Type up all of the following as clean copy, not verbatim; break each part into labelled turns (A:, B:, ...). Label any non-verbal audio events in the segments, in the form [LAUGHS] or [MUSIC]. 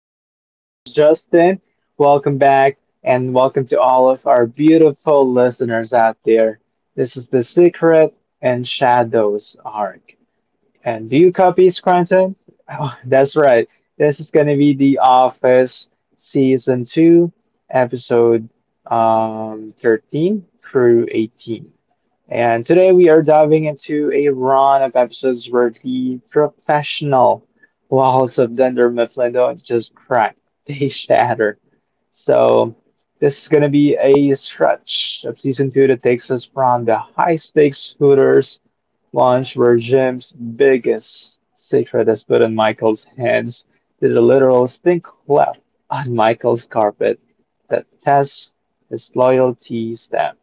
A: again your host, Justin. Welcome back, and welcome to all of our beautiful listeners out there. This is The Secret and Shadows arc. And do you copy Scranton? [LAUGHS] Oh, that's right. This is going to be The Office Season 2, Episode 13 through 18. And today we are diving into a run of episodes where the professional walls of Dunder Mifflin don't just crack, [LAUGHS] they shatter. So this is going to be a stretch of season two that takes us from the high stakes Hooters launch where Jim's biggest secret is put in Michael's hands to the literal stink left on Michael's carpet that tests his loyalty stamp.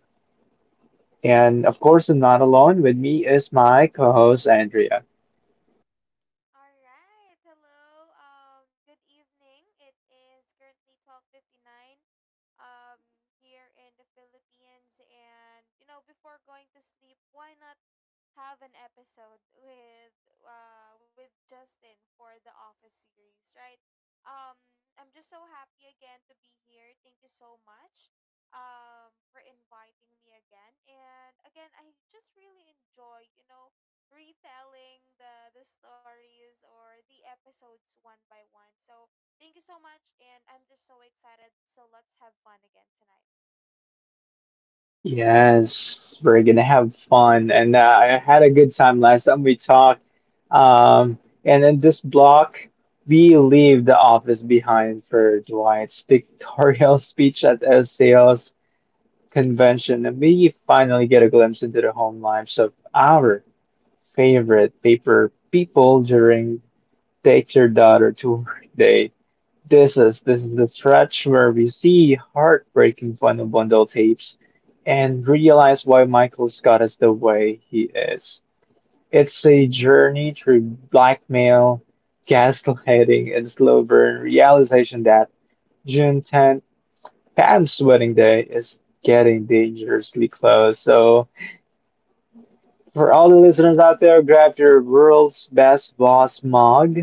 A: And of course, I'm not alone. With me is my co-host Andrea.
B: All right. Hello. Good evening. It is currently 12:59. Here in the Philippines, and before going to sleep, why not have an episode with with Justin for the Office series, right? I'm just so happy again to be here. Thank you so much. For inviting me again, and again, I just really enjoy. Retelling the stories or the episodes one by one. So thank you so much, and I'm just so excited. So let's have fun again tonight.
A: Yes, we're gonna have fun, and I had a good time last time we talked. Um, and in this block, we leave the office behind for Dwight's pictorial [LAUGHS] speech at a sales convention, and we finally get a glimpse into the home lives of our favorite paper people during Take Your Daughter to Work Day. This is the stretch where we see heartbreaking final bundle tapes and realize why Michael Scott is the way he is. It's a journey through blackmail, gaslighting, and slow burn realization that June 10th, Pam's wedding day, is getting dangerously close. So for all the listeners out there, grab your world's best boss mug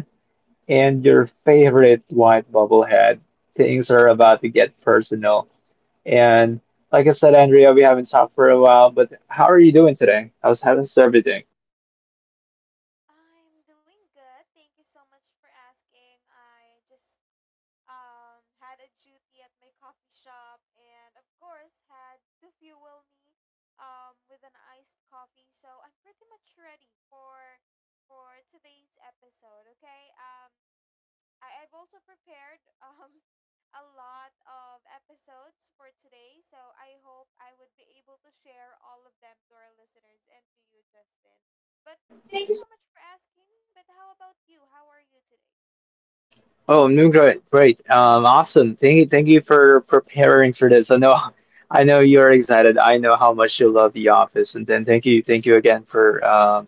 A: and your favorite white bobblehead. Things are about to get personal. And like I said, Andrea, we haven't talked for a while, but how are you doing today? How's everything?
B: I'm doing good. Thank you so much for asking. I just had a duty at my coffee shop, and of course had to fuel me with an iced coffee. So I'm pretty much ready for today's episode. Okay. I've also prepared [LAUGHS] a lot of episodes for today, so I hope I would be able to share all of them to our listeners and to you, Justin. But thank you so much for asking. But how about you? How are you today?
A: Oh, I'm doing great. Great. Awesome. Thank you. Thank you for preparing for this. I know you're excited. I know how much you love The Office, and then thank you again for um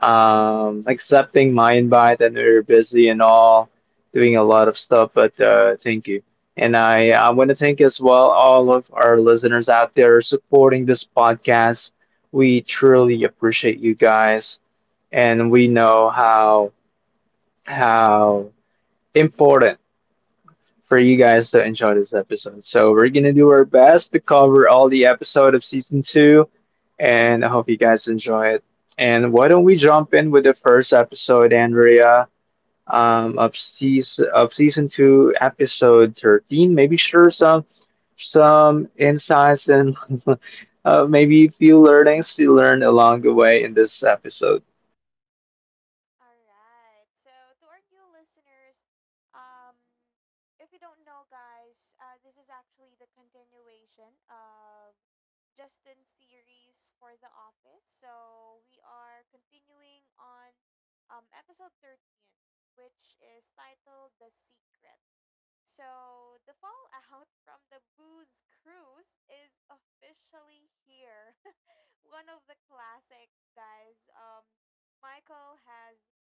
A: um, accepting my invite. I know you're busy and all, doing a lot of stuff, but thank you. And I want to thank as well all of our listeners out there supporting this podcast. We truly appreciate you guys, and we know how important for you guys to enjoy this episode. So we're gonna do our best to cover all the episode of season two, and I hope you guys enjoy it. And why don't we jump in with the first episode, Andrea, of season two, episode 13? Maybe share some insights and [LAUGHS] maybe a few learnings you learned along the way in this episode.
B: All right. So to our new listeners, um, if you don't know, guys, this is actually the continuation of Justin's series for The Office. So we are continuing on episode 13, which is titled "The Secret." So the fallout [LAUGHS] from the booze cruise is officially here, one of the classic guys. Michael has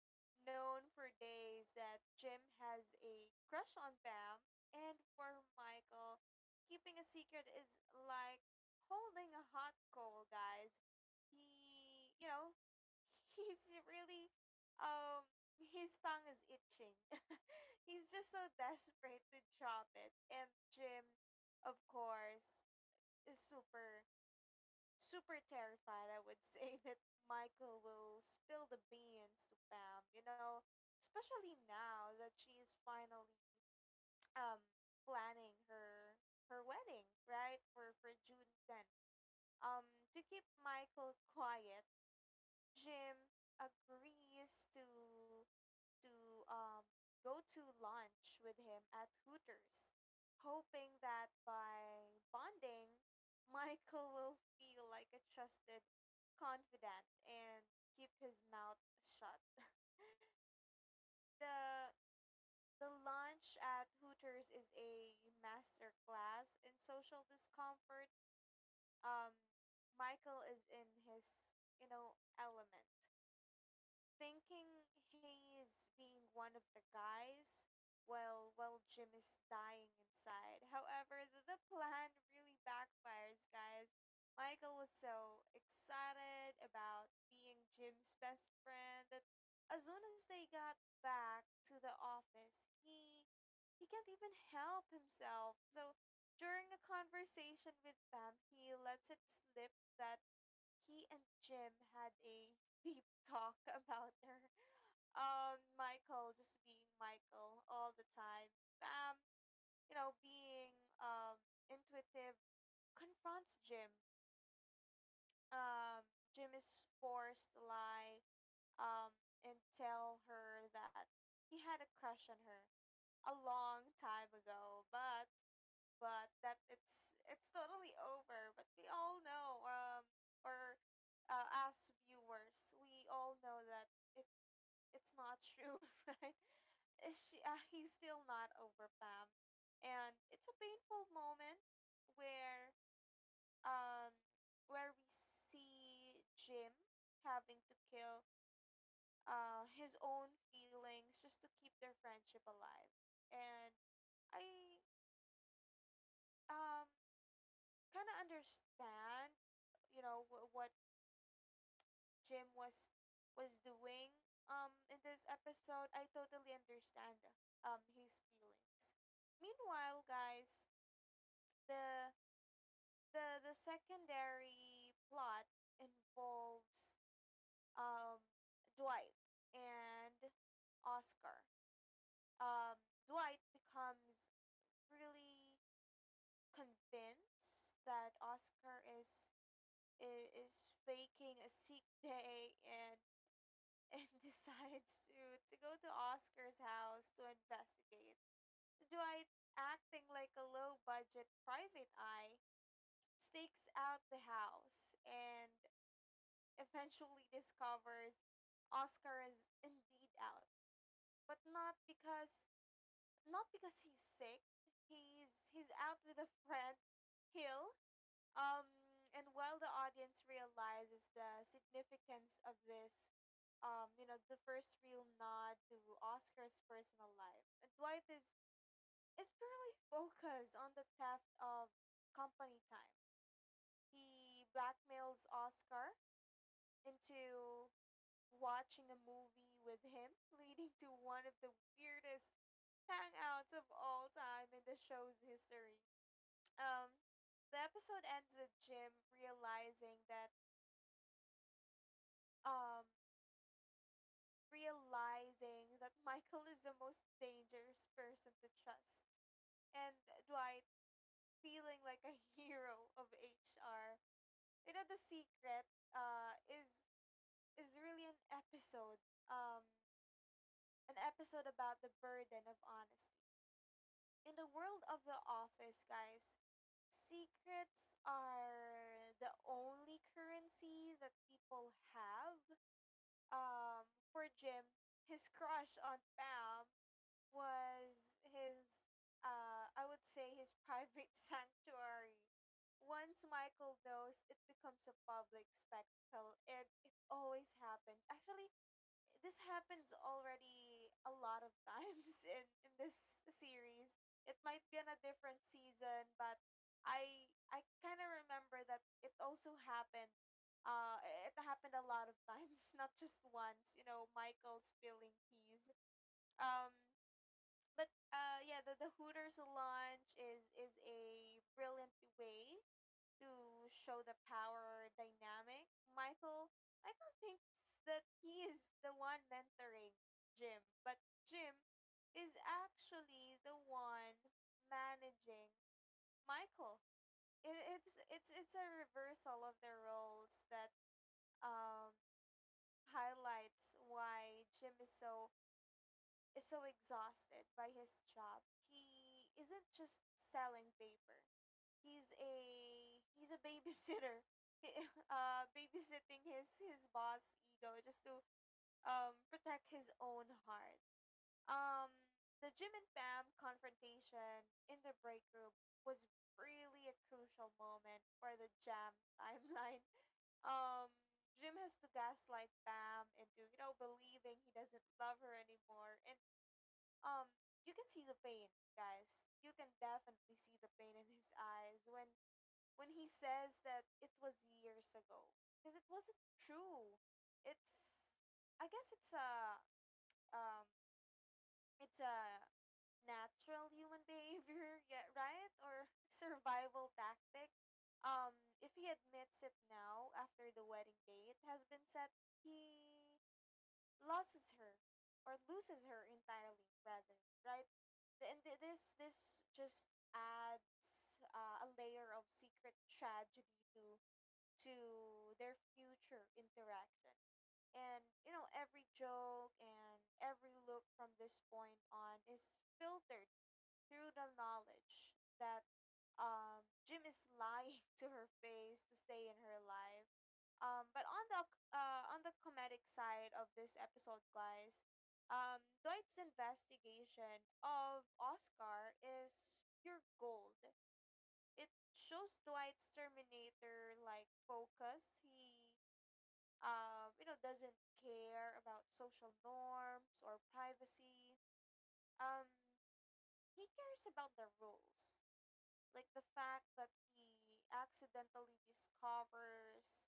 B: known for days that Jim has a crush on Pam, and for Michael, keeping a secret is like holding a hot coal, guys. He, you know, [LAUGHS] he's really, his tongue is itching. [LAUGHS] He's just so desperate to drop it. And Jim, of course, is super terrified, I would [LAUGHS] say, that Michael will spill the beans to Pam, you know, especially now that she is finally um planning her wedding, right? For June 10th. Um to keep Michael quiet, Jim agrees to to um, go to lunch with him at Hooters, hoping that by bonding, [LAUGHS] Michael will feel like a trusted confidant and keep his mouth shut. The the lunch at Hooters is a master class in social discomfort. Um, Michael is in his element, thinking he is being one of the guys while Jim is dying inside. However, the plan really backfires, guys. Michael was so excited about being Jim's best friend that as soon as they got back to the office, he can't even help himself. So during a conversation with Pam, he lets it slip that he and Jim had a deep talk [LAUGHS] about her. Michael just being Michael all the time. Bam, you know, being um intuitive, confronts Jim. Um, Jim is forced to lie, um, and tell her that he had a crush on her a long time ago, but that it's totally over. But we all know, or as viewers, we all know that it it's not true, [LAUGHS] right? Is She He's still not over Pam, and it's a painful moment where um where we see Jim having to kill his own feelings just to keep their friendship alive, and I um kind of understand what Jim was doing in this episode. I totally understand his feelings. Meanwhile, guys, the the secondary plot involves um Dwight and Oscar. um Dwight becomes really convinced that Oscar is faking a sick day, and [LAUGHS] and decides to go to Oscar's house to investigate. Dwight, acting like a low budget private eye, stakes out the house and eventually discovers Oscar is indeed out, but not because he's sick. He's out with a friend, Hill. Um, and while the audience realizes the significance of this, you know, the first real nod to Oscar's personal life, and Dwight is purely [LAUGHS] focused on the theft of company time. He blackmails Oscar into watching a movie with him, [LAUGHS] leading to one of the weirdest hangouts of all time in the show's history. Um, the episode ends with Jim realizing that um Michael is the most dangerous person to trust, and Dwight feeling like a [LAUGHS] hero of HR. You know, the secret uh is is really an episode, um an episode about the burden of honesty. In the world of the office, guys, secrets are the only currency that people have. um for Jim, his crush on Pam was his I would say his private [LAUGHS] sanctuary. Once Michael knows, it becomes a public spectacle, and it always happens. Actually, this happens already a lot of times [LAUGHS] in this series. It might be on a different season, but I kind of remember that it also happened. It happened a lot of times, [LAUGHS] not just once. You know, Michael spilling teas. Um, but Yeah, the Hooters lunch is a brilliant way to show the power dynamic. Michael thinks that he is the one mentoring Jim, but Jim is actually the one managing Michael. It's it's a reversal of their roles that um highlights why Jim is is so exhausted by his job. He isn't just selling paper. He's a babysitter. [LAUGHS] Babysitting his boss ego just to protect his own heart. Um the Jim and Pam confrontation in the break room was really a crucial moment for the jam timeline. [LAUGHS] Um Jim has to gaslight Pam into, you know, believing he doesn't love her anymore, and um you can see the pain, guys, you can definitely see the pain in his eyes when he says that it was years ago, because it wasn't true. It's I guess It's a, um it's a natural human behavior, [LAUGHS] yeah, right? Or [LAUGHS] survival tactic. um if he admits it now after the wedding date has been set, he loses her loses her entirely, rather, right? This just adds a layer of secret tragedy to their future interaction, and you know, every joke and every look from this point on is filtered through the knowledge that, Jim is lying [LAUGHS] to her face to stay in her life. But on the On the comedic side of this episode, guys, Dwight's investigation of Oscar is pure gold. It shows Dwight's Terminator like focus. He you know, doesn't care about social norms or privacy. Um, he cares about the rules. Like, the fact that he accidentally discovers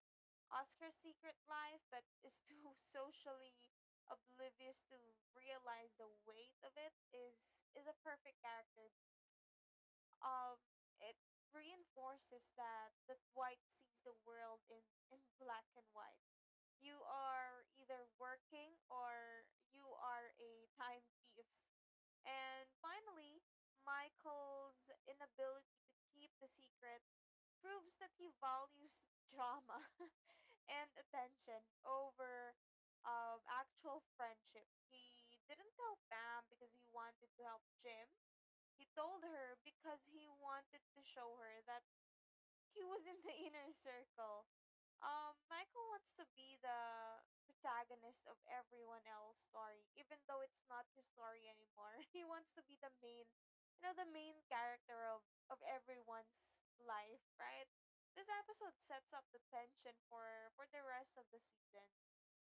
B: Oscar's secret life but is too [LAUGHS] socially oblivious to realize the weight of it is a perfect character. Um it reinforces that white sees the world in black and white. You are either working or you are a time thief. And finally, Michael's inability to keep the secret proves that he values drama [LAUGHS] and attention over actual friendship. He didn't tell Pam because he wanted to help Jim. He told her because he wanted to show her that he was in the [LAUGHS] inner circle. Michael wants to be the protagonist of everyone else's story, even though it's not his story anymore. [LAUGHS] He wants to be the main, you know, the main character of everyone's life, right? This episode sets up the tension for the rest of the season.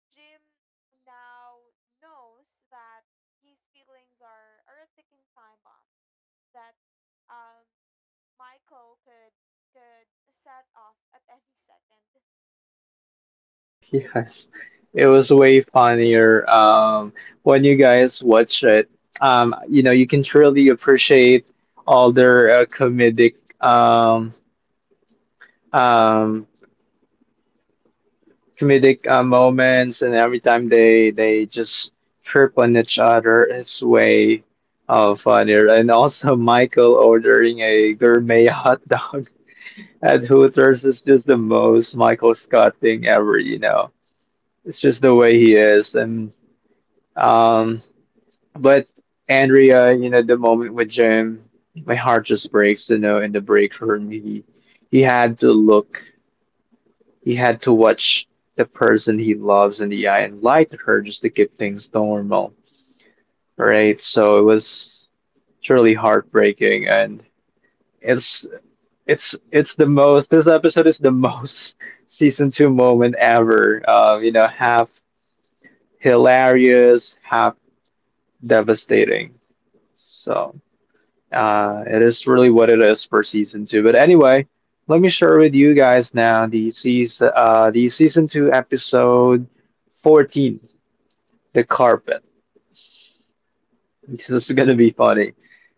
B: Jim now knows that his feelings are a ticking time bomb. That, um Michael could set off at any second.
A: Yes, it was way funnier. When you guys watch it, you know, you can truly appreciate all their comedic, um, um, comedic moments, and every time they just trip on each other, it's way funnier. And also, [LAUGHS] Michael ordering a gourmet [LAUGHS] hot dog at Hooters is just the most Michael Scott thing ever. You know, it's just the way he is, and. Um. But Andrea, you know, the moment with Jim, my heart just breaks, you know, in the break room. He he had to watch the person he loves in the eye and lie to her just to keep things normal. Right? So it was truly heartbreaking and it's it's the most this episode is the most [LAUGHS] season two moment ever. You know, half hilarious, half devastating. So. It is really what it is for season two. But anyway, let me share with you guys now the season two episode 14, the carpet. [LAUGHS] This is gonna be funny.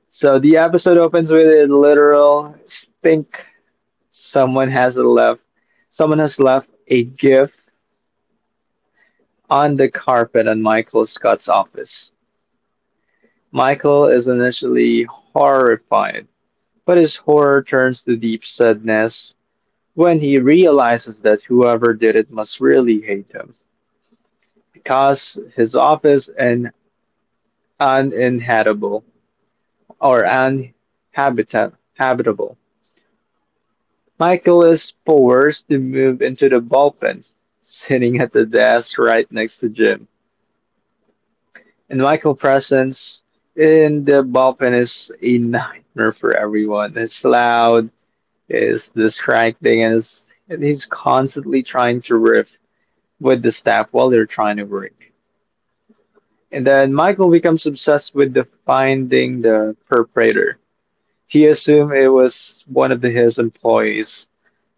A: So the episode opens with a literal stink. Someone has left. Someone has left a gift on the carpet in Michael Scott's office. Michael is initially horrified, but his horror turns to deep sadness when he realizes that whoever did it must really hate him because his office is uninhabitable or uninhabitable. Habitable. Michael is forced to move into the bullpen, sitting at the desk right next to Jim. And Michael's presence in the bullpen is a nightmare for everyone. It's loud, it's distracting, and, it's, and he's constantly trying to riff with the staff while they're trying to work. And then Michael becomes obsessed with the finding the perpetrator. He assumed it was one of his employees,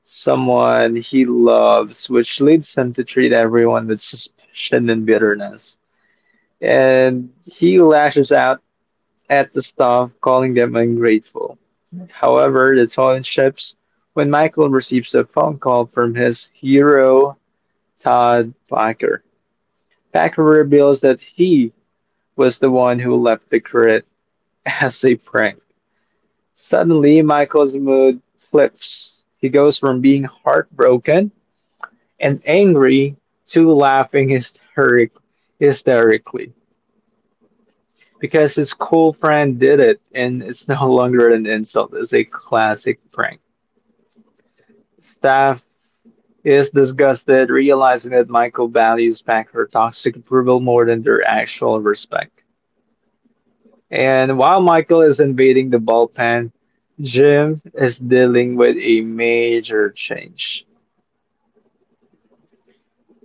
A: someone he loves, which leads him to treat everyone with suspicion and bitterness. And he lashes out at the staff, calling them ungrateful. However, the tone shifts when Michael receives a phone call from his hero, Todd Packer. Packer reveals that he was the one who left the crit as a prank. Suddenly, Michael's mood flips. He goes from being heartbroken and angry to laughing hysterically because his cool friend did it and it's no longer an insult, it's a classic prank. Staff is disgusted, realizing that Michael values back her toxic approval more than their actual respect. And while Michael is invading the bullpen, Jim is dealing with a major change.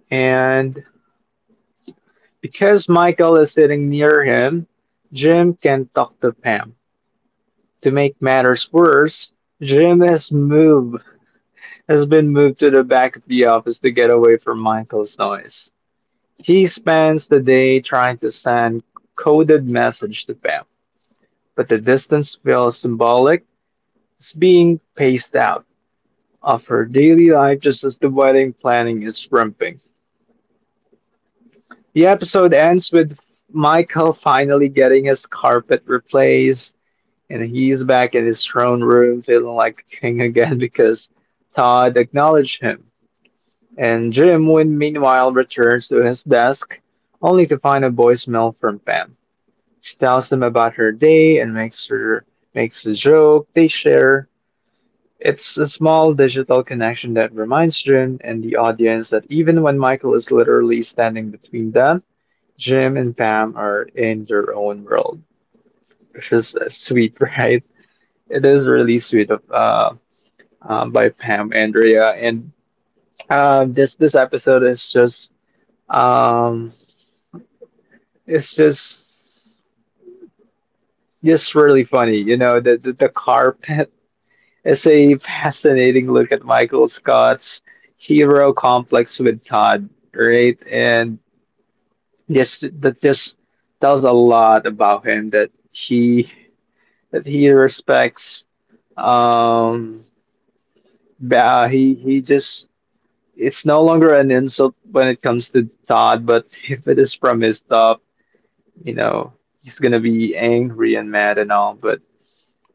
A: And because Michael is sitting near him, Jim can talk to Pam. To make matters worse, Jim has been moved to the back of the office to get away from Michael's noise. He spends the day trying to send coded message to Pam, but the distance feels symbolic. It's being paced out. Of her daily life just as the wedding planning is ramping. The episode ends with Michael finally getting his carpet replaced, and he's back in his throne room feeling like the king [LAUGHS] again because Todd acknowledged him. And Jim Wynn meanwhile returns to his desk, only to find a voicemail from Pam. She tells him about her day and makes a joke. They share It's a small digital connection that reminds Jim and the audience that even when Michael is literally standing between them, Jim and Pam are in their own world, which is sweet, [LAUGHS] right? It is really sweet of by Pam Andrea, and this this episode is just um, it's just really funny, you know, the carpet is a fascinating look at Michael Scott's hero complex with Todd, right? And just that just tells a lot about him that he respects. Um, he just it's no longer an insult when it comes to Todd, but [LAUGHS] if it is from his top, you know he's gonna be angry and mad and all. But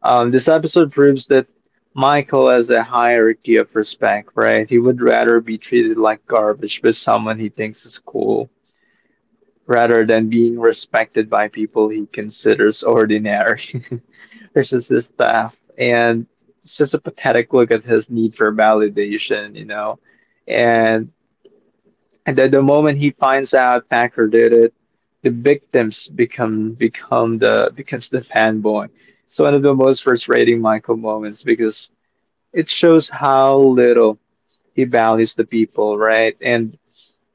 A: This episode proves that Michael has a hierarchy of respect, right? He would rather be treated like garbage by someone he thinks is cool rather than being respected by people he considers ordinary, [LAUGHS] which is his staff. And it's just a pathetic look at his need for validation, you know? And, and at the moment he finds out Packer did it, the victims become the fanboy it's one of the most frustrating Michael moments because it shows how little he values the people, right? And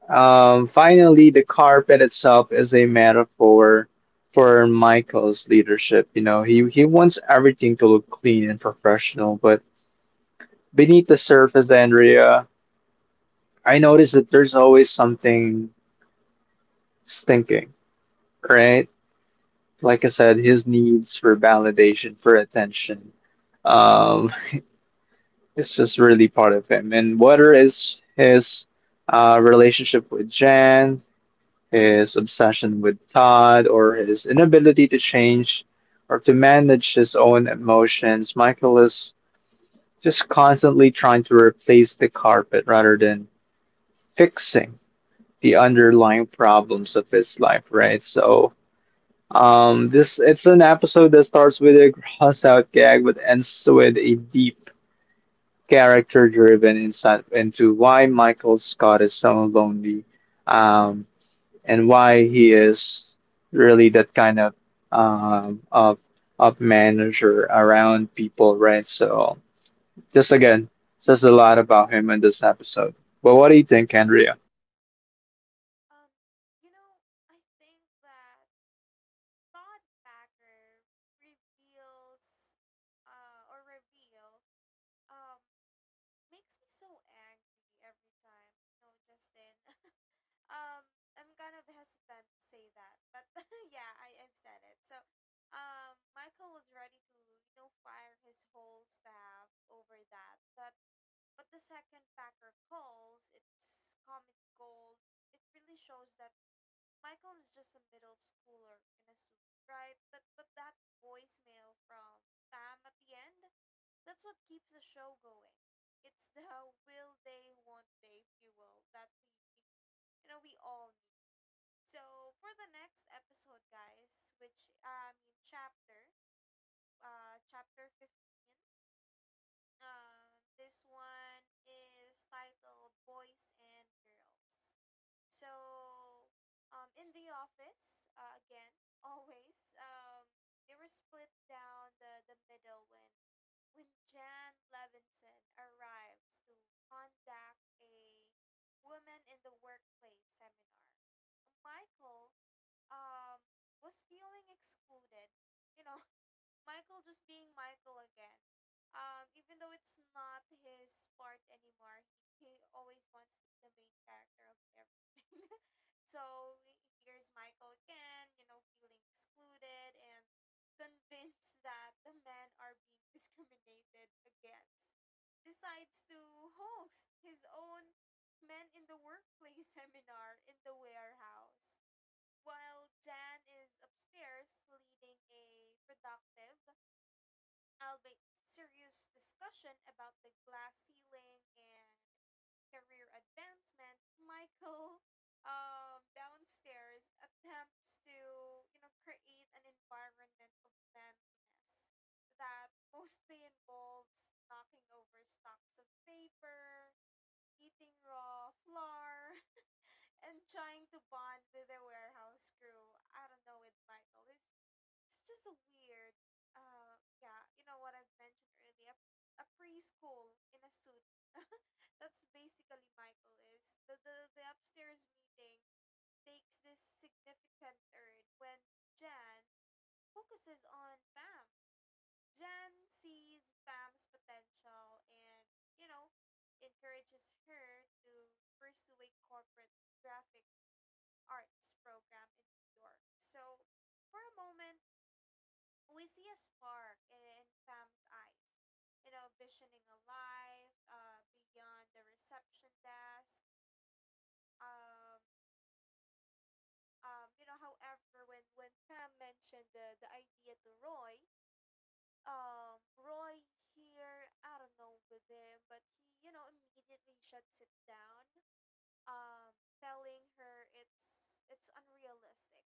A: finally, the carpet itself is a metaphor for Michael's leadership. You know, he wants everything to look clean and professional, but beneath the surface, Andrea, I noticed that there's always something stinking, right? Like I said, his needs for validation, for attention, um, it's just really part of him. And whether it's his relationship with Jan, his obsession with Todd, or his inability to change or to manage his own emotions, Michael is just constantly trying to replace the carpet rather than fixing the underlying problems of his life, right? So this it's an episode that starts with a gross out gag but ends with a deep character driven insight into why Michael Scott is so lonely um, and why he is really that kind of um, of of manager around people, right? So just again, says a lot about him in this episode. But what do you think, Andrea?
B: Um, you know, I think that thought Packer reveals reveal, um, makes me so angry every time. You know, Justin. [LAUGHS] um, I'm kind of hesitant to say that, but [LAUGHS] yeah, I've said it. So, Michael was ready to, you know, fire his whole staff over that, but the second Packer calls, it's comedy gold. It really shows that Michael is just a middle schooler in a suit, right? But that voicemail from Pam at the end, that's what keeps the show going. It's the [LAUGHS] will they, won't they fuel that we all need. So for the next episode, guys, which I mean chapter, chapter 15. This one is titled Boys and Girls. So, in the office, again, [LAUGHS] always, they were split down the middle when Jan Levinson arrives to conduct a women in the workplace seminar. Michael um was feeling excluded, you know, [LAUGHS] Michael just being Michael again. Even though it's not his part anymore, he always wants to be the main character of everything. [LAUGHS] So here's Michael again, you know, feeling excluded and convinced [LAUGHS] that the men are being discriminated against. Decides to host his own Men in the Workplace [LAUGHS] seminar in the warehouse while Jan is upstairs leading a productive albeit serious discussion about the glass ceiling and career advancement. Michael, [LAUGHS] downstairs, attempts to, create an environment of manliness that mostly involves knocking over stacks of paper, eating raw flour, [LAUGHS] and trying to bond with the warehouse crew. I don't know with Michael. He's It's just a weird yeah, you know what, I've mentioned earlier, a preschool in a suit. [LAUGHS] That's basically Michael. Is the upstairs meeting takes this significant turn when Jan focuses on Pam. Jan sees Pam's potential and, you know, encourages her to pursue a corporate graphic arts program in New York. So for a moment we see a spark in Pam's eyes, you know, visioning a life beyond the reception desk. Um, however, when Pam mentioned the idea to Roy, Roy here, I don't know with him, but he, you know, immediately shuts it down, um, telling her it's unrealistic.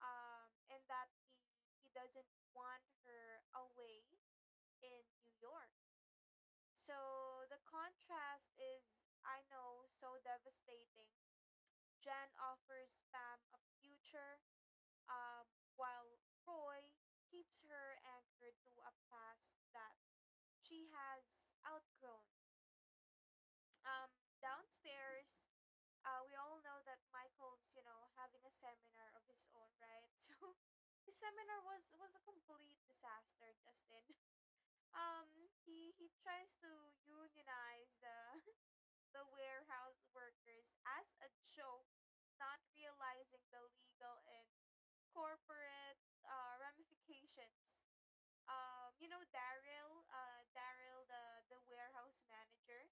B: And that he doesn't want her away in New York. So the contrast is, I know, so devastating. Jen offers Pam a future, um, while Roy keeps her anchored to a past that she has outgrown. Um, Downstairs, we all know that Michael's, you know, having a seminar of his own, right? [LAUGHS] So his seminar was a complete disaster, Justin. [LAUGHS] He tries to unionize the [LAUGHS] the warehouse workers as a joke, not realizing the legal and corporate ramifications. You know, Daryl, Daryl, the warehouse manager,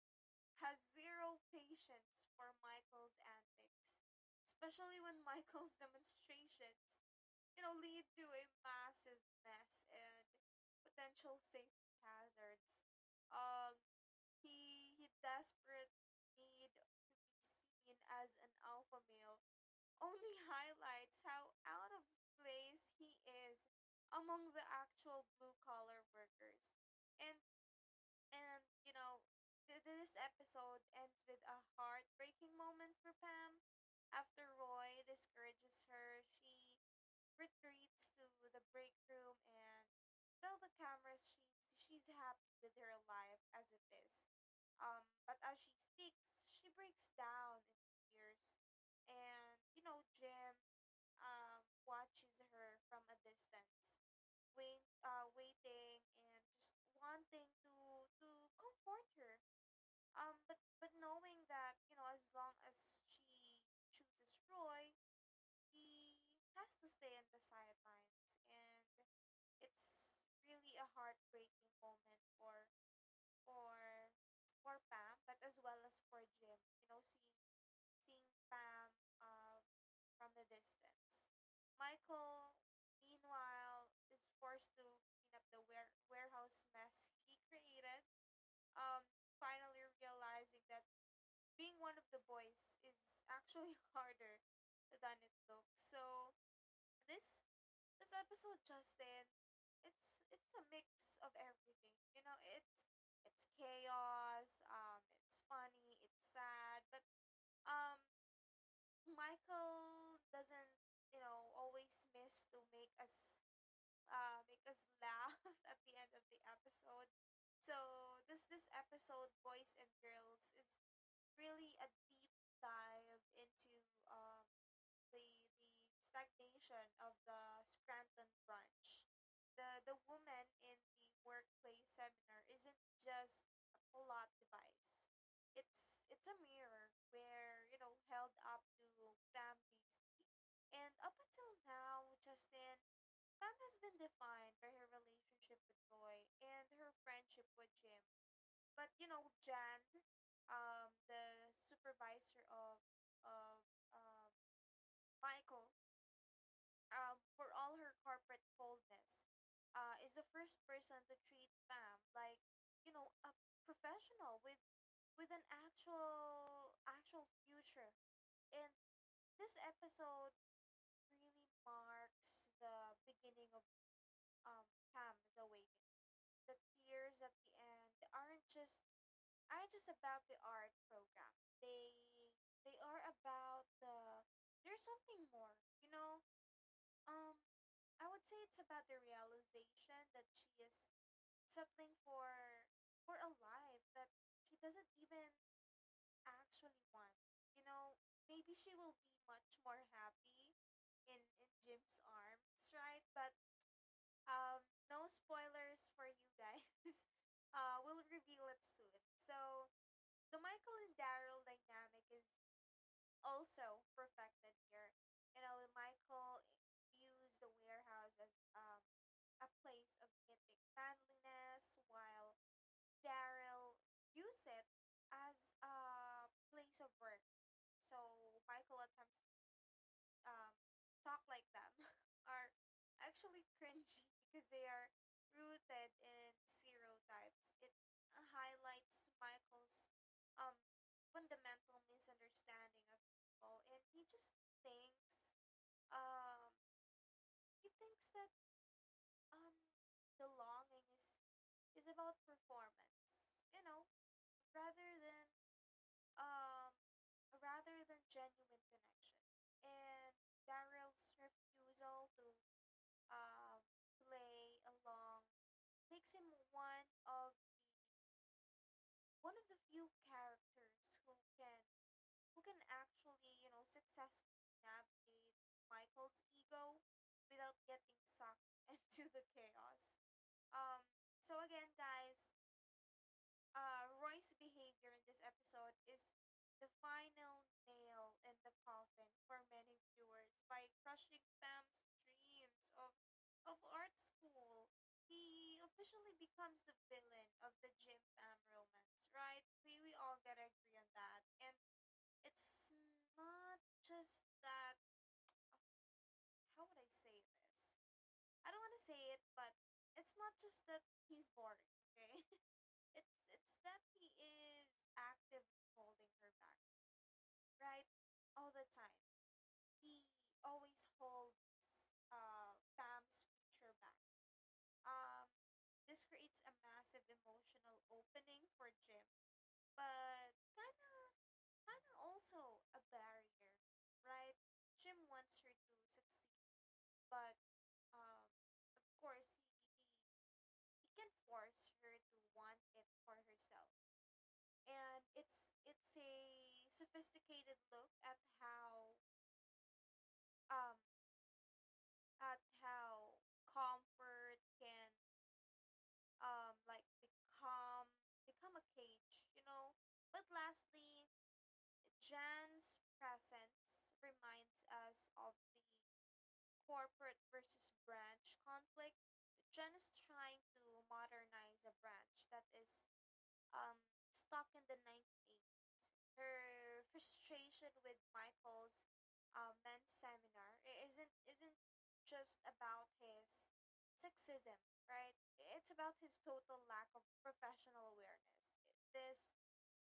B: has zero patience for Michael's antics, especially when [LAUGHS] Michael's demonstrations, you know, lead to a massive mess and potential safety hazards. Um, he, desperate need to be seen as an alpha male, only [LAUGHS] highlights how out of place he is among the actual blue collar workers. And and this episode ends with a heartbreaking moment for Pam. After Roy discourages her, she retreats to the break room and tell the cameras she's happy with her life as it is. But as she speaks, she breaks down into tears, and you know, Jim, watches her from a distance, waiting and just wanting to comfort her. But knowing that, you know, as long as she chooses Roy, he has to stay on the sidelines, and it's really a heartbreaking moment for for Pam, but as well as for Jim, you know, seeing Pam from the distance. Michael, meanwhile, is forced to clean up the warehouse mess he created, um finally realizing that being one of the boys is actually [LAUGHS] harder than it looks. So this this episode, Justin, it's a mix of everything. You know, it's chaos, it's funny, it's sad, but um, Michael doesn't, you know, always miss to make us laugh [LAUGHS] at the end of the episode. So this episode, Boys and Girls, is really a deep dive into um the stagnation of the Scranton branch. The woman in the workplace seminar isn't just a plot device. It's a mirror where, you know, held up to Pam Beasley. And up until now, Justin, Pam has been defined by her relationship with Roy and her friendship with Jim. But you know, Jan, the supervisor of um, Michael, for all her corporate coldness, is the first person to treat Pam like, you know, a professional with an actual actual future. And this episode really marks the beginning of, um, Pam's awakening. The tears at the end aren't just about the art program. They they are about the, there's something more. You know, um, I would say it's about the realization that she is settling for a life that she doesn't even actually want. You know, maybe she will be much more happy in Jim's arms, right? But um, no spoilers for you guys. [LAUGHS] We'll reveal it soon. So the Michael and Daryl dynamic is also perfected here. You know, Michael views the warehouse as, um, a place of mythic manliness, while Daryl views it as a place of work. So Michael attempts to, um, talk like them. [LAUGHS] Are actually cringy [LAUGHS] because they are rooted in stereotypes. It highlights Michael's, um, fundamental misunderstanding of people, and he just thinks um, he thinks that, um, belonging is about performance, you know, rather than, um, rather than genuine connection. And Daryl's refusal to, um, play along makes him one of the, one of the few characters who can, who can actually, you know, successfully navigate Michael's ego without getting sucked [LAUGHS] into the chaos. Um, so again, guys, Roy's behavior in this episode is the final nail in the coffin for many viewers by crushing Pam's dreams of art school. He officially becomes the villain of the Jim Pam romance, right? We all gotta agree on that. And it's not just that. Oh, how would I say this? I don't want to say it, but it's not just that he's boring, okay? [LAUGHS] It's that he is actively holding her back, right? All the time. He always holds Pam's future back. Um this creates a massive emotional opening for Jim, but kinda also a barrier, right? Jim wants her to succeed, but, um of course, he he can force her to want it for herself, and it's a sophisticated look at how, um at how comfort can, become, become a cage, you know. But lastly, Jan's presence reminds us of the corporate versus branch conflict. Jan is trying to modernize a branch that is, um, stuck in the 1980s. Her frustration with Michael's, men's seminar isn't just about his sexism, right? It's about his total lack of professional awareness. This,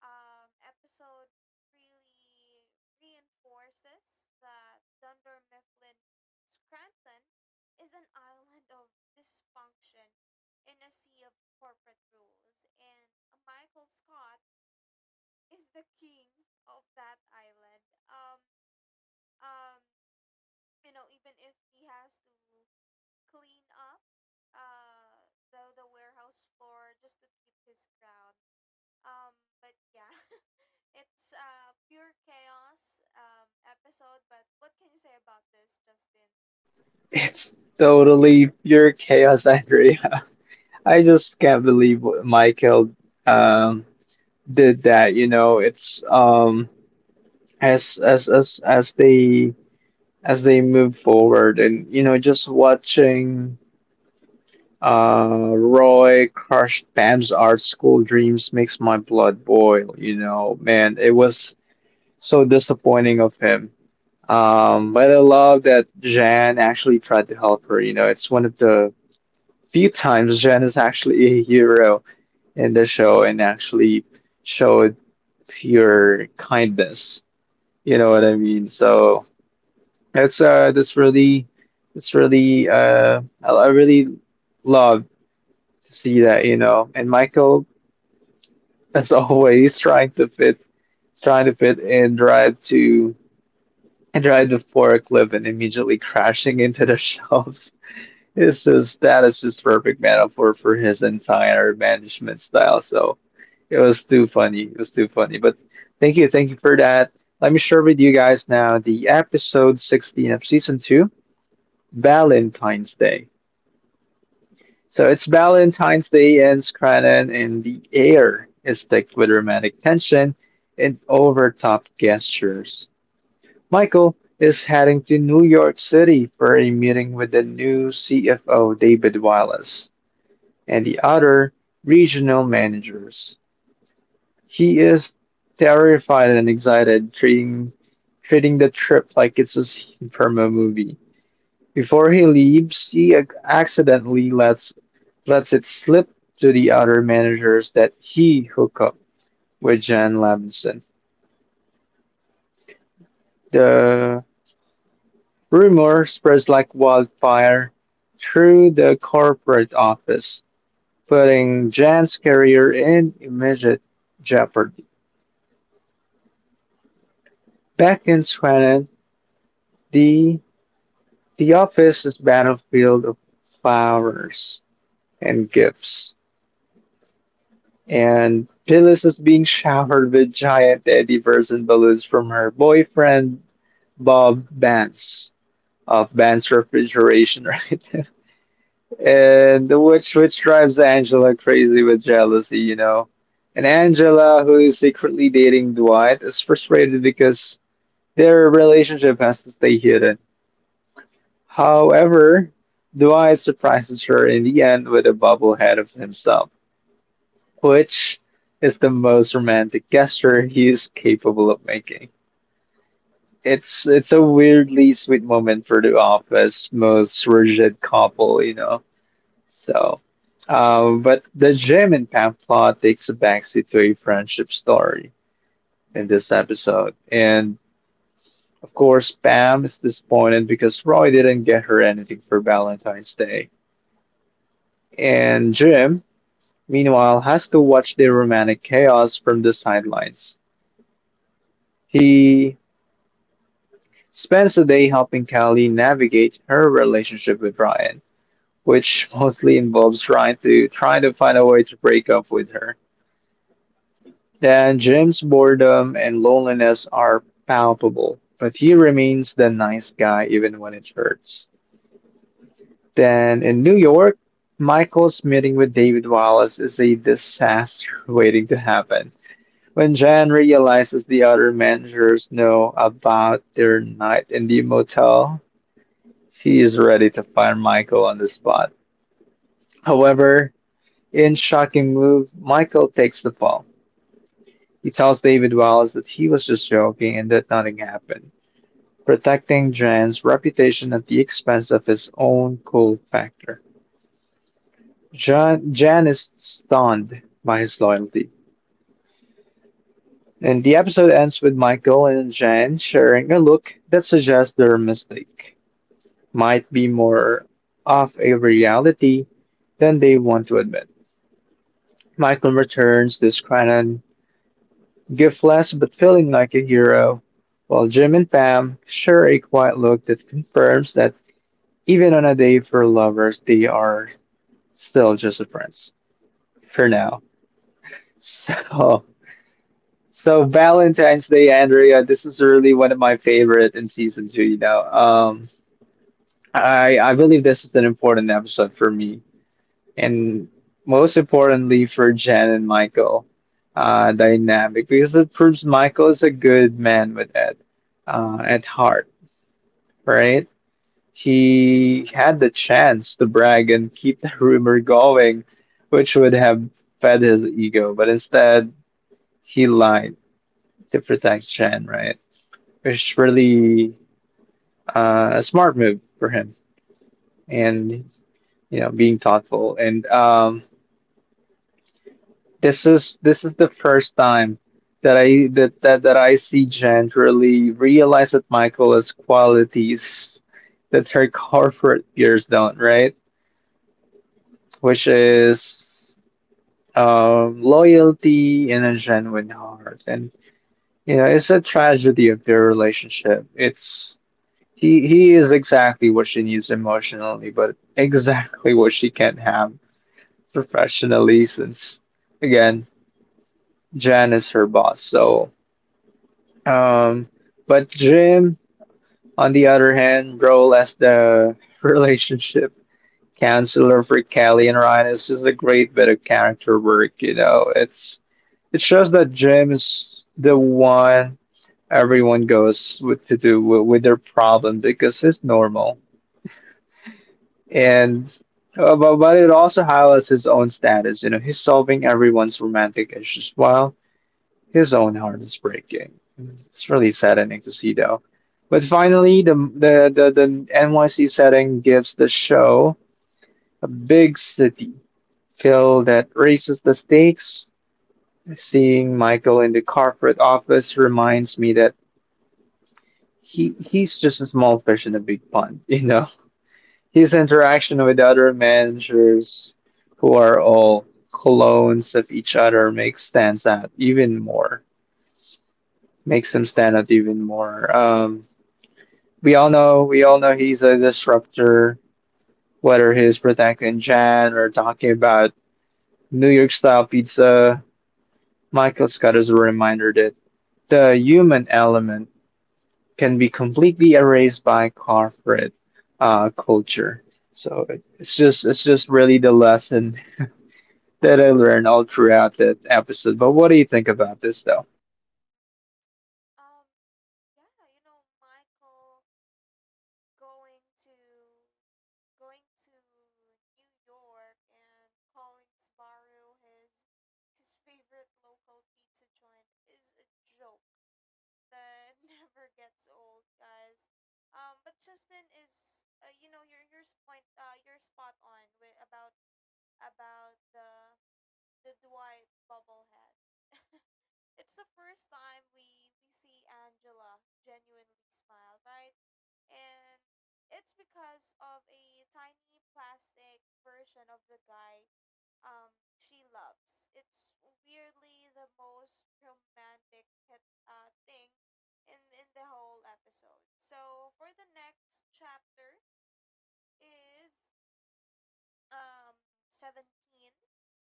B: episode really reinforces that Dunder Mifflin Scranton is an island of dysfunction in a sea of corporate rules, and Michael Scott is the king of that island. Um, you know, even if he has to clean up the warehouse floor just to keep his crown, um, but yeah, [LAUGHS] it's pure chaos, episode. But what can you say about this, Justin?
A: It's totally pure chaos, [LAUGHS] Andrea. I just can't believe what Michael um, did that. You know, it's as as as as they as they move forward and you know just watching Roy crush Pam's art school dreams makes my blood boil, you know, man, it was so disappointing of him. But I love that Jan actually tried to help her. You know, it's one of the few times Jan is actually a hero in the show and actually showed pure kindness, you know what I mean? So that's that's really I really love to see that, you know. And Michael, that's [LAUGHS] always trying to fit and drive the forklift and immediately crashing into the [LAUGHS] shelves. It's just that is just perfect metaphor for his entire management style. So it was too funny. It was too funny. But thank you for that. Let me share with you guys now the episode 16 of season 2, Valentine's Day. So it's Valentine's Day ends Cranon in the air is thick with romantic tension and overtop gestures. Michael is heading to New York City for a meeting with the new CFO David Wallace and the other regional managers. He is terrified and excited, treating the trip like it's a scene from a movie. Before he leaves, he accidentally lets it slip to the other managers that he hooked up with Jan Levinson. The rumor spreads like wildfire through the corporate office, putting Jan's career in immediate jeopardy. Back in Swannon, the the office is battlefield of flowers and gifts. And Phyllis is being showered with giant teddy bears and balloons from her boyfriend, Bob Vance, of Vance Refrigeration, [LAUGHS] right? And which drives Angela crazy with jealousy. You know. And Angela, who is secretly dating Dwight, is frustrated because their relationship has to stay hidden. However, Dwight surprises her in the end with a bobblehead of himself, which is the most romantic gesture he's capable of making. It's a weirdly sweet moment for the office most rigid couple. You know. So, but the gym in Pamplona takes a backseat to a friendship story in this episode, and of course Pam is disappointed because Roy didn't get her anything for Valentine's Day, and Jim, meanwhile, has to watch the romantic chaos from the sidelines. He spends the day helping Callie navigate her relationship with Ryan, which mostly involves trying to find a way to break up with her. Then Jim's boredom and loneliness are palpable, but he remains the nice guy even when it hurts. Then in New York, Michael's meeting with David Wallace is a disaster [LAUGHS] waiting to happen. When Jan realizes the other managers know about their night in the motel, she is ready to fire Michael on the spot. However, in shocking move, Michael takes the fall. He tells David Wallace that he was just joking and that nothing happened, protecting Jan's reputation at the expense of his own cool factor. Jan is stunned by his loyalty. And the episode ends with Michael and Jan sharing a look that suggests their mistake might be more of a reality than they want to admit. Michael returns disgruntled, giftless but feeling like a hero, while Jim and Pam share a quiet look that confirms that even on a day for lovers, they are still just friends for now. So, so Valentine's Day, Andrea, this is really one of my favorite in season 2. You know, I believe this is an important episode for me and most importantly for Jen and Michael dynamic because it proves Michael is a good man with Ed at heart, right? He had the chance to brag and keep the [LAUGHS] rumor going, which would have fed his ego, but instead he lied to protect Jen, right? Which is really a smart move for him and you know being thoughtful. And This is the first time that I see Jen really realize that Michael has qualities that her corporate peers don't, right? Which is loyalty and a genuine heart, and you know it's a tragedy of their relationship. It's he is exactly what she needs emotionally, but exactly what she can't have professionally, since again Jan is her boss. So Um, but Jim, on the other hand, role as the [LAUGHS] relationship counselor for Callie and Ryan is just a great bit of character work. You know, it's it shows that Jim is the one everyone goes with to do with their problem because he's normal, and but it also highlights his own status. You know, he's solving everyone's romantic issues while his own heart is breaking. It's really saddening to see, though. But finally, the NYC setting gives the show a big city feel that raises the stakes. Seeing Michael in the corporate office reminds me that he's just a small fish in a big pond. [LAUGHS] you know. His interaction with other managers who are all clones of each other makes stands out even more. Makes him stand out even more. We all know he's a disruptor, whether he's protecting Jan or talking about New York style pizza. Michael Scott is a reminder that the human element can be completely erased by corporate culture. So it's just really the lesson that I learned all throughout that episode. But what do you think about this though?
B: Um, yeah, you know, Michael going to going to New York and calling Subaru his favorite local pizza joint is a joke that [LAUGHS] never gets old, guys. But Justin is, you know, your point, you're spot on with about the Dwight bobblehead. [LAUGHS] It's the first time we see Angela genuinely smile, right? And it's because of a tiny plastic version of the guy um she loves. It's weirdly the most romantic thing in the whole episode. So for the next chapter is, um 17,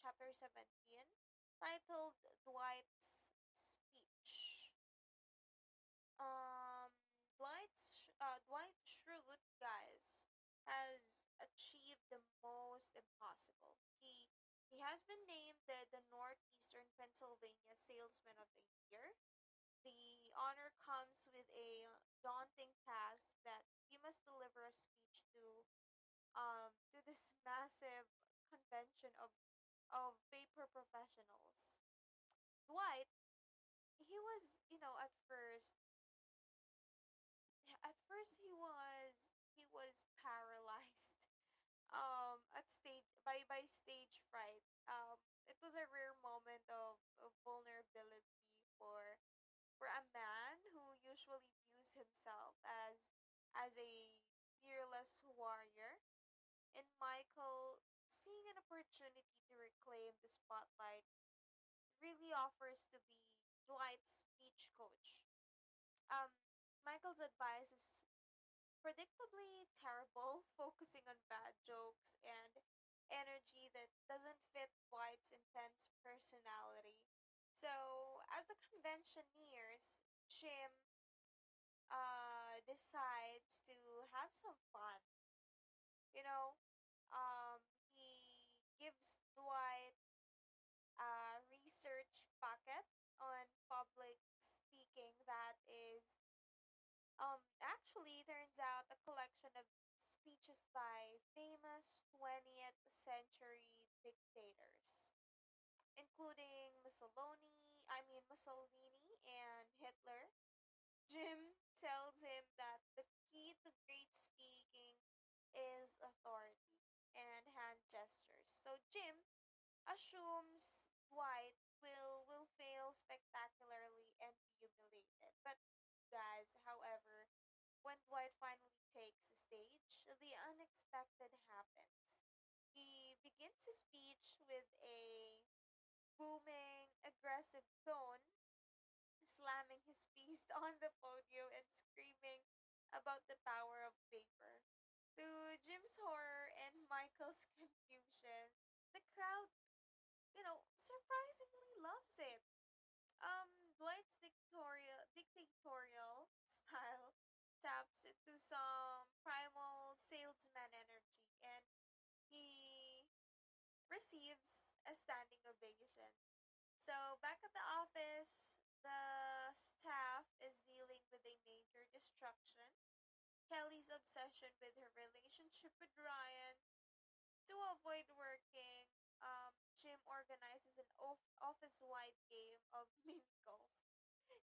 B: chapter 17, titled Dwight's Speech. Um Dwight's, Dwight Schrute, guys, has achieved the most impossible. He has been named the Northeastern Pennsylvania Salesman of the Year. The honor comes with a daunting task that he must deliver a speech to, to this massive convention of paper professionals. Dwight, he was, you know, at first he was, paralyzed [LAUGHS] at stage by stage fright. It was a rare moment of vulnerability for a man who usually views himself as a fearless warrior. And Michael, seeing an opportunity to reclaim the spotlight, really offers to be Dwight's speech coach. Um, Michael's advice is predictably terrible, [LAUGHS] focusing on bad jokes and energy that doesn't fit Dwight's intense personality. So, as the convention nears, Jim, decides to have some fun. You know, um, he gives Dwight a research packet on public speaking that is, actually turns out a collection of speeches by famous 20th century dictators, including Mussolini, I mean Mussolini and Hitler. Jim tells him that the key to great speaking is authority and hand gestures. So Jim assumes Dwight will fail spectacularly and be humiliated. But guys, however, when Dwight finally takes the stage, the unexpected happens. He begins his speech with a booming, aggressive tone, slamming his fist [LAUGHS] on the podium and screaming about the power of paper. To Jim's horror and Michael's confusion, the crowd, you know, surprisingly loves it. Dwight's dictatorial style taps into some primal salesman energy, and he receives a standing ovation. So, back at the office, the staff is dealing with a major distraction: Kelly's obsession with her relationship with Ryan. To avoid working, Jim organizes an office wide game of [LAUGHS] mini golf.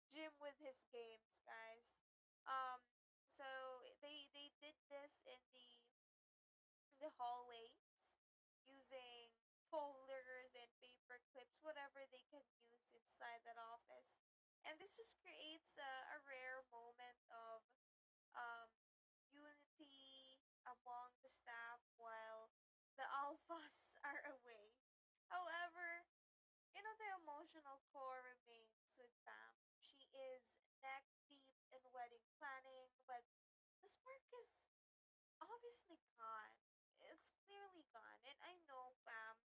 B: Jim with his games, guys. Um, so they did this in the hallways using folders and paper clips, whatever they can use inside that office. And this just creates a rare moment of um, unity among the staff while the [LAUGHS] alphas are away. However, you know, the emotional core remains with Pam. She is neck deep in wedding planning, but the spark is obviously gone. It's clearly gone, and I know Pam.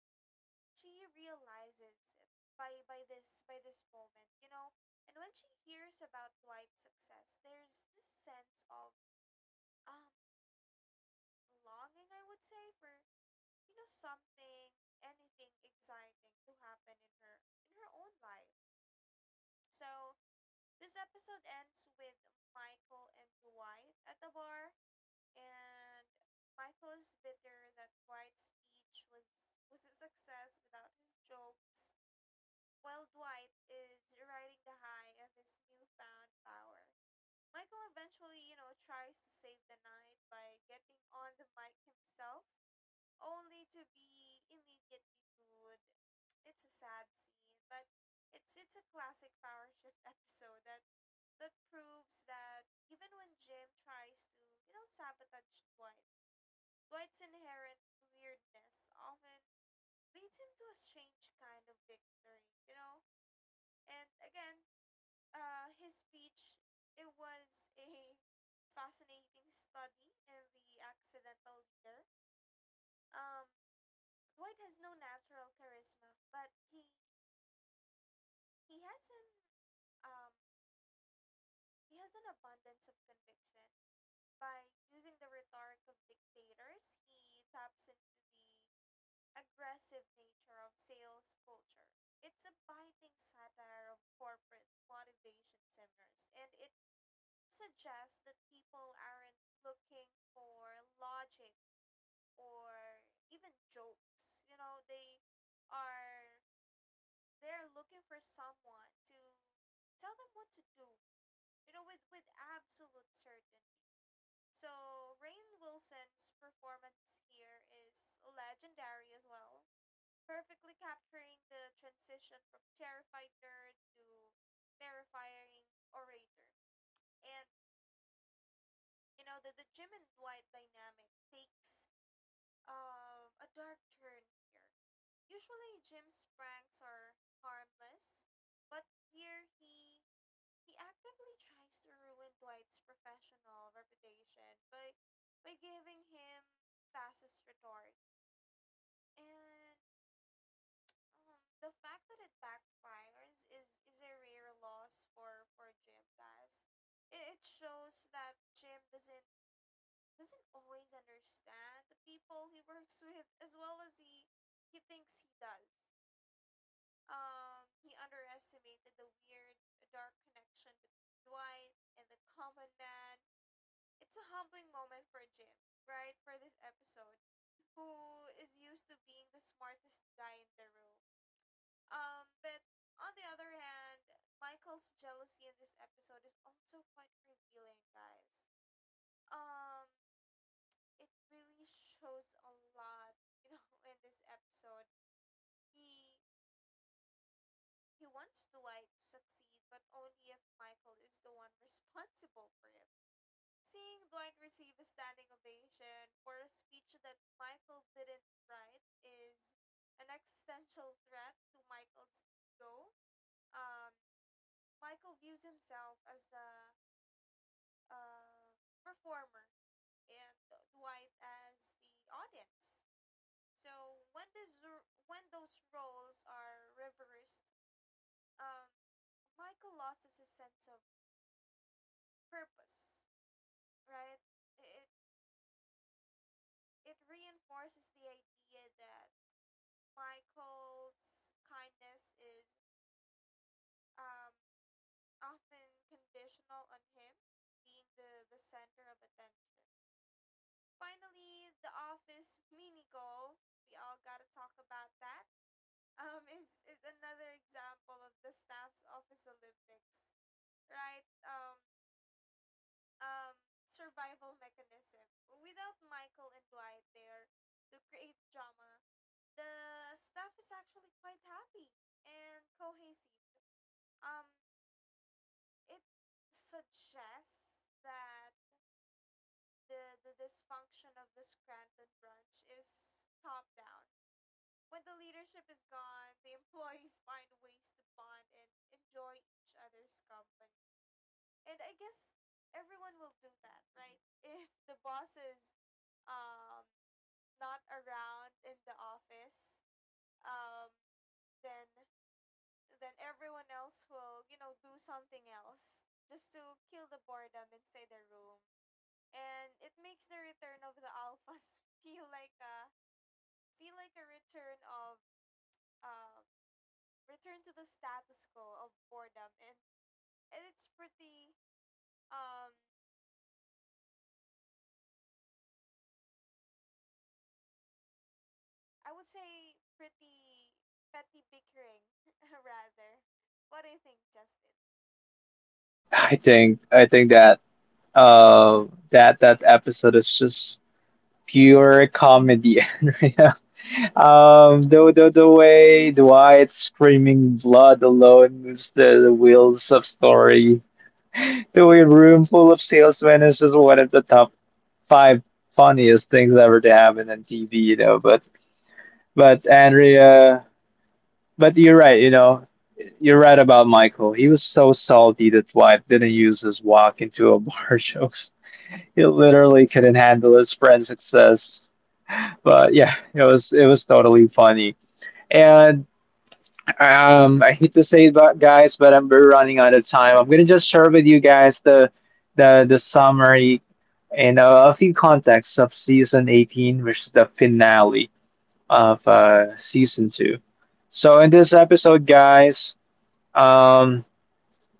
B: She realizes it by this moment, you know. And when she hears about Dwight's success, there's this sense of um longing, I would say, for you know something, anything exciting to happen in her own life. So this episode ends with Michael and Dwight at the bar, and Michael is bitter that Dwight's speech was a success without his jokes, while Dwight is riding the high of his newfound power. Michael eventually, you know, tries to save the night by getting on the mic himself, only to be immediately booed. It's a sad scene, but it's a classic power shift [LAUGHS] episode that proves that even when Jim tries to, you know, sabotage Dwight, Dwight's inherent weirdness often leads him to a strange kind of victory, you know? And again, his speech, it was a fascinating study in the accidental leader. Um, Dwight has no natural charisma, but he has an um he has an abundance of conviction. By using the rhetoric of dictators, he taps into the aggressive nature of sales culture. It's a biting satire of corporate motivation seminars, and it suggests that people aren't looking for logic or even jokes. You know, they are they're looking for someone to tell them what to do, you know, with absolute certainty. So Rain Wilson's performance here is legendary as well, perfectly capturing the transition from terrified nerd to terrifying orator. And you know the Jim and Dwight dynamic takes a dark turn here. Usually Jim's pranks are harmless, but here he actively tries to ruin Dwight's professional reputation by giving him fastest retort. And the fact that it backfires is a rare loss for Jim, guys. It shows that Jim doesn't always understand the people he works with as well as he thinks he does. He underestimated the weird dark connection between Dwight and the common man. It's a humbling moment for Jim, right? For this episode, who is used to being the smartest guy in the room, but on the other hand, Michael's jealousy in this episode is also quite revealing, guys. Um, it really shows a lot, you know, [LAUGHS] in this episode. He he wants Dwight to succeed, but only if Michael is the one [LAUGHS] responsible for it. Seeing Dwight receive a standing ovation for a speech that Michael didn't write is an existential threat to Michael's ego. Um, Michael views himself as the uh, performer, and Dwight as the audience. So when those roles are reversed, um, Michael loses his sense of purpose, right? It it reinforces the idea that Michael's kindness is, um, often conditional on him being the center of attention. Finally, the office mini golf. We all gotta talk about that. [LAUGHS] Is another example of the staff's office Olympics, right? Um, survival mechanism. Without Michael and Dwight there to create drama, the staff is actually quite happy and cohesive. Um, it suggests that the dysfunction of the Scranton branch is top down. When the leadership is gone, the employees [LAUGHS] find ways to bond and enjoy each other's company. And I guess everyone will do that, right? If the boss is, um, not around in the office, um, then everyone else will, you know, do something else just to kill the boredom inside the room, and it makes the return of the alphas [LAUGHS] feel like a return of um return to the status quo of boredom and it's pretty um I would say pretty petty bickering [LAUGHS] rather. What do you think, Justin?
A: I think that uh that episode is just pure comedy. [LAUGHS] The way Dwight's screaming blood alone moves the wheels of story. The way Room Full of Salesmen is just one of the top 5 funniest things ever to happen on TV. You know. But Andrea, but you're right, you know, you're right about Michael. He was so salty that Dwight didn't use his walk into a bar [LAUGHS] jokes. He literally couldn't handle his friend's success. But yeah, it was totally funny. And I hate to say that, guys, but I'm we're running out of time. I'm gonna just share with you guys the summary and a few contexts of season 18, which is the finale of season 2. So in this episode, guys, um,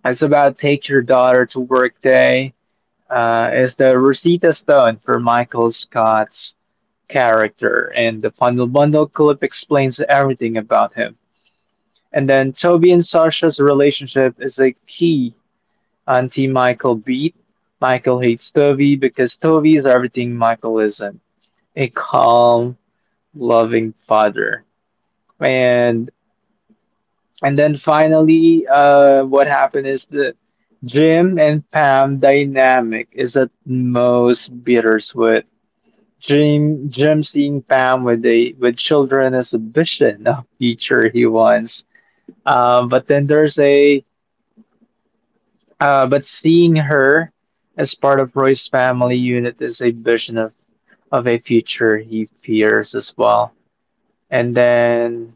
A: it's about take your daughter to work day. Is the Rosita Stone for Michael Scott's character, and the Funnel Bundle clip explains everything about him. And then Toby and Sasha's relationship is a key anti Michael beat. Michael hates Toby because Toby is everything Michael isn't, a calm, loving father. And and then finally, what happened is the Jim and Pam dynamic is at most bittersweet. Jim seeing Pam with a with children as a vision of future he wants. But then there's a but seeing her as part of Roy's family unit is a vision of a future he fears as well. And then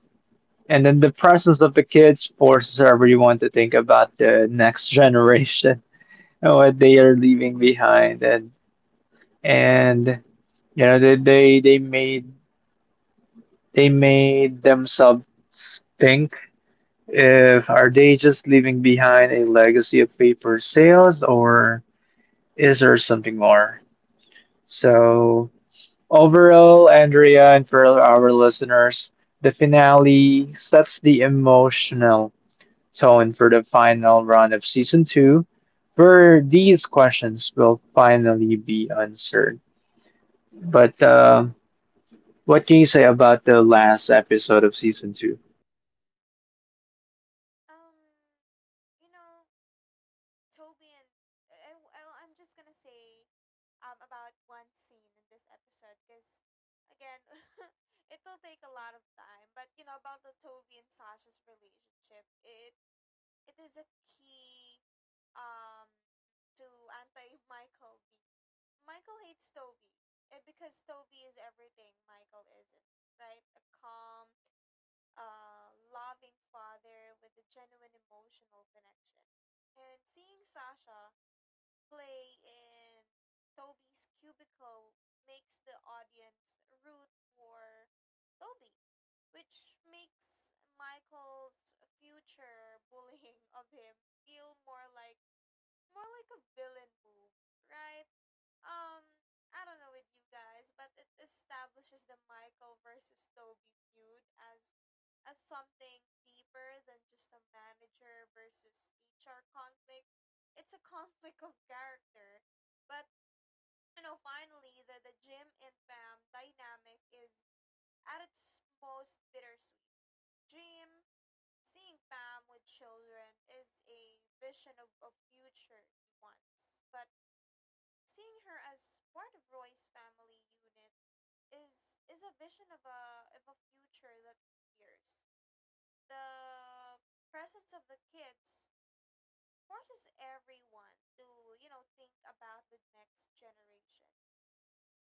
A: and then the presence of the kids forces everyone to think about the next generation [LAUGHS] and what they are leaving behind. And you know they made themselves think, if are they just leaving behind a legacy of paper sales or is there something more? So overall, Andrea, and for our listeners, the finale sets the emotional tone for the final run of season 2, where these questions will finally be answered. But what can you say about the last episode of season 2?
B: Um you know, Toby and I'm just going to say about one scene in this episode cuz again [LAUGHS] it will take a lot of time, but you know, about the Toby and Sasha's relationship. It is a key um to anti Michael B. Michael hates Toby. And because Toby is everything Michael isn't, right? A calm, loving father with a genuine emotional connection. And seeing Sasha play in Toby's cubicle makes the audience root for Toby, which makes Michael's future bullying of him feel more like a villain move, right? Um, I don't know with you guys, but it establishes the Michael versus Toby feud as something deeper than just a manager versus HR conflict. It's a conflict of character. But you know, finally the Jim and Pam dynamic is at its most bittersweet. Jim seeing Pam with children is a vision of a future he wants. But seeing her as part of Roy's family unit is a vision of a future that he fears. The presence of the kids forces everyone to, you know, think about the next generation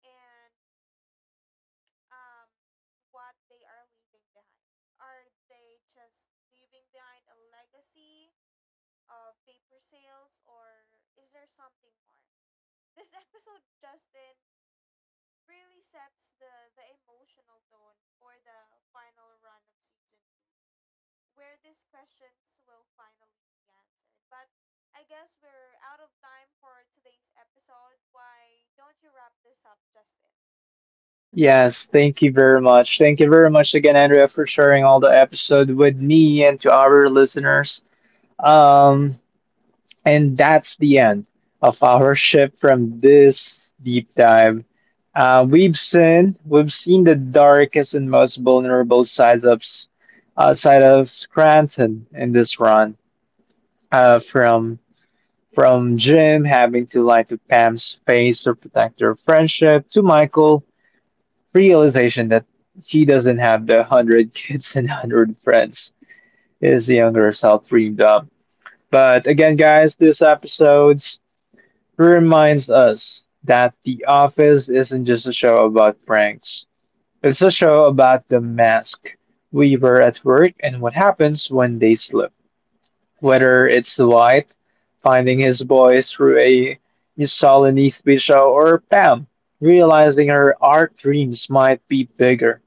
B: and um what they are leaving behind. Are they just leaving behind a legacy of paper sales or is there something more? This [LAUGHS] episode, Justin, really sets the emotional tone for the final run of season 2, where these questions will finally be answered, but I guess we're out of time for today's episode. Why don't you wrap this up, Justin?
A: Yes, thank you very much. Thank you very much again, Andrea, for sharing all the episode with me and to our listeners. Um, And that's the end of our shift from this deep dive. We've seen the darkest and most vulnerable sides of side of Scranton in this run. Uh, from from Jim having to lie to Pam's face to protect their friendship, to Michael realization that he doesn't have the hundred [LAUGHS] kids and hundred friends his younger self dreamed of. But again, guys, this episodes, who reminds us that The Office isn't just a show about pranks. It's a show about the mask we wear at work and what happens when they slip. Whether it's Dwight finding his voice through a miscellany speech show or Pam realizing her art dreams might be bigger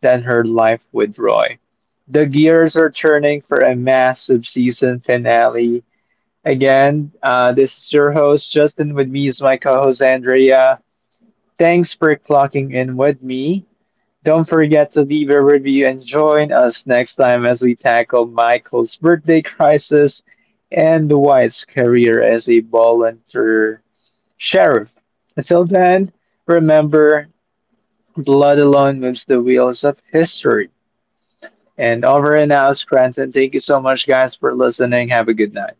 A: than her life with Roy, the gears are turning for a massive season finale. Again, this is your host, Justin. With me is my co host, Andrea. Thanks for clocking in with me. Don't forget to leave a review and join us next time as we tackle Michael's birthday crisis and Dwight's career as a volunteer sheriff. Until then, remember, blood alone moves the wheels of history. And over and out, Scranton. Thank you so much, guys, for listening. Have a good night.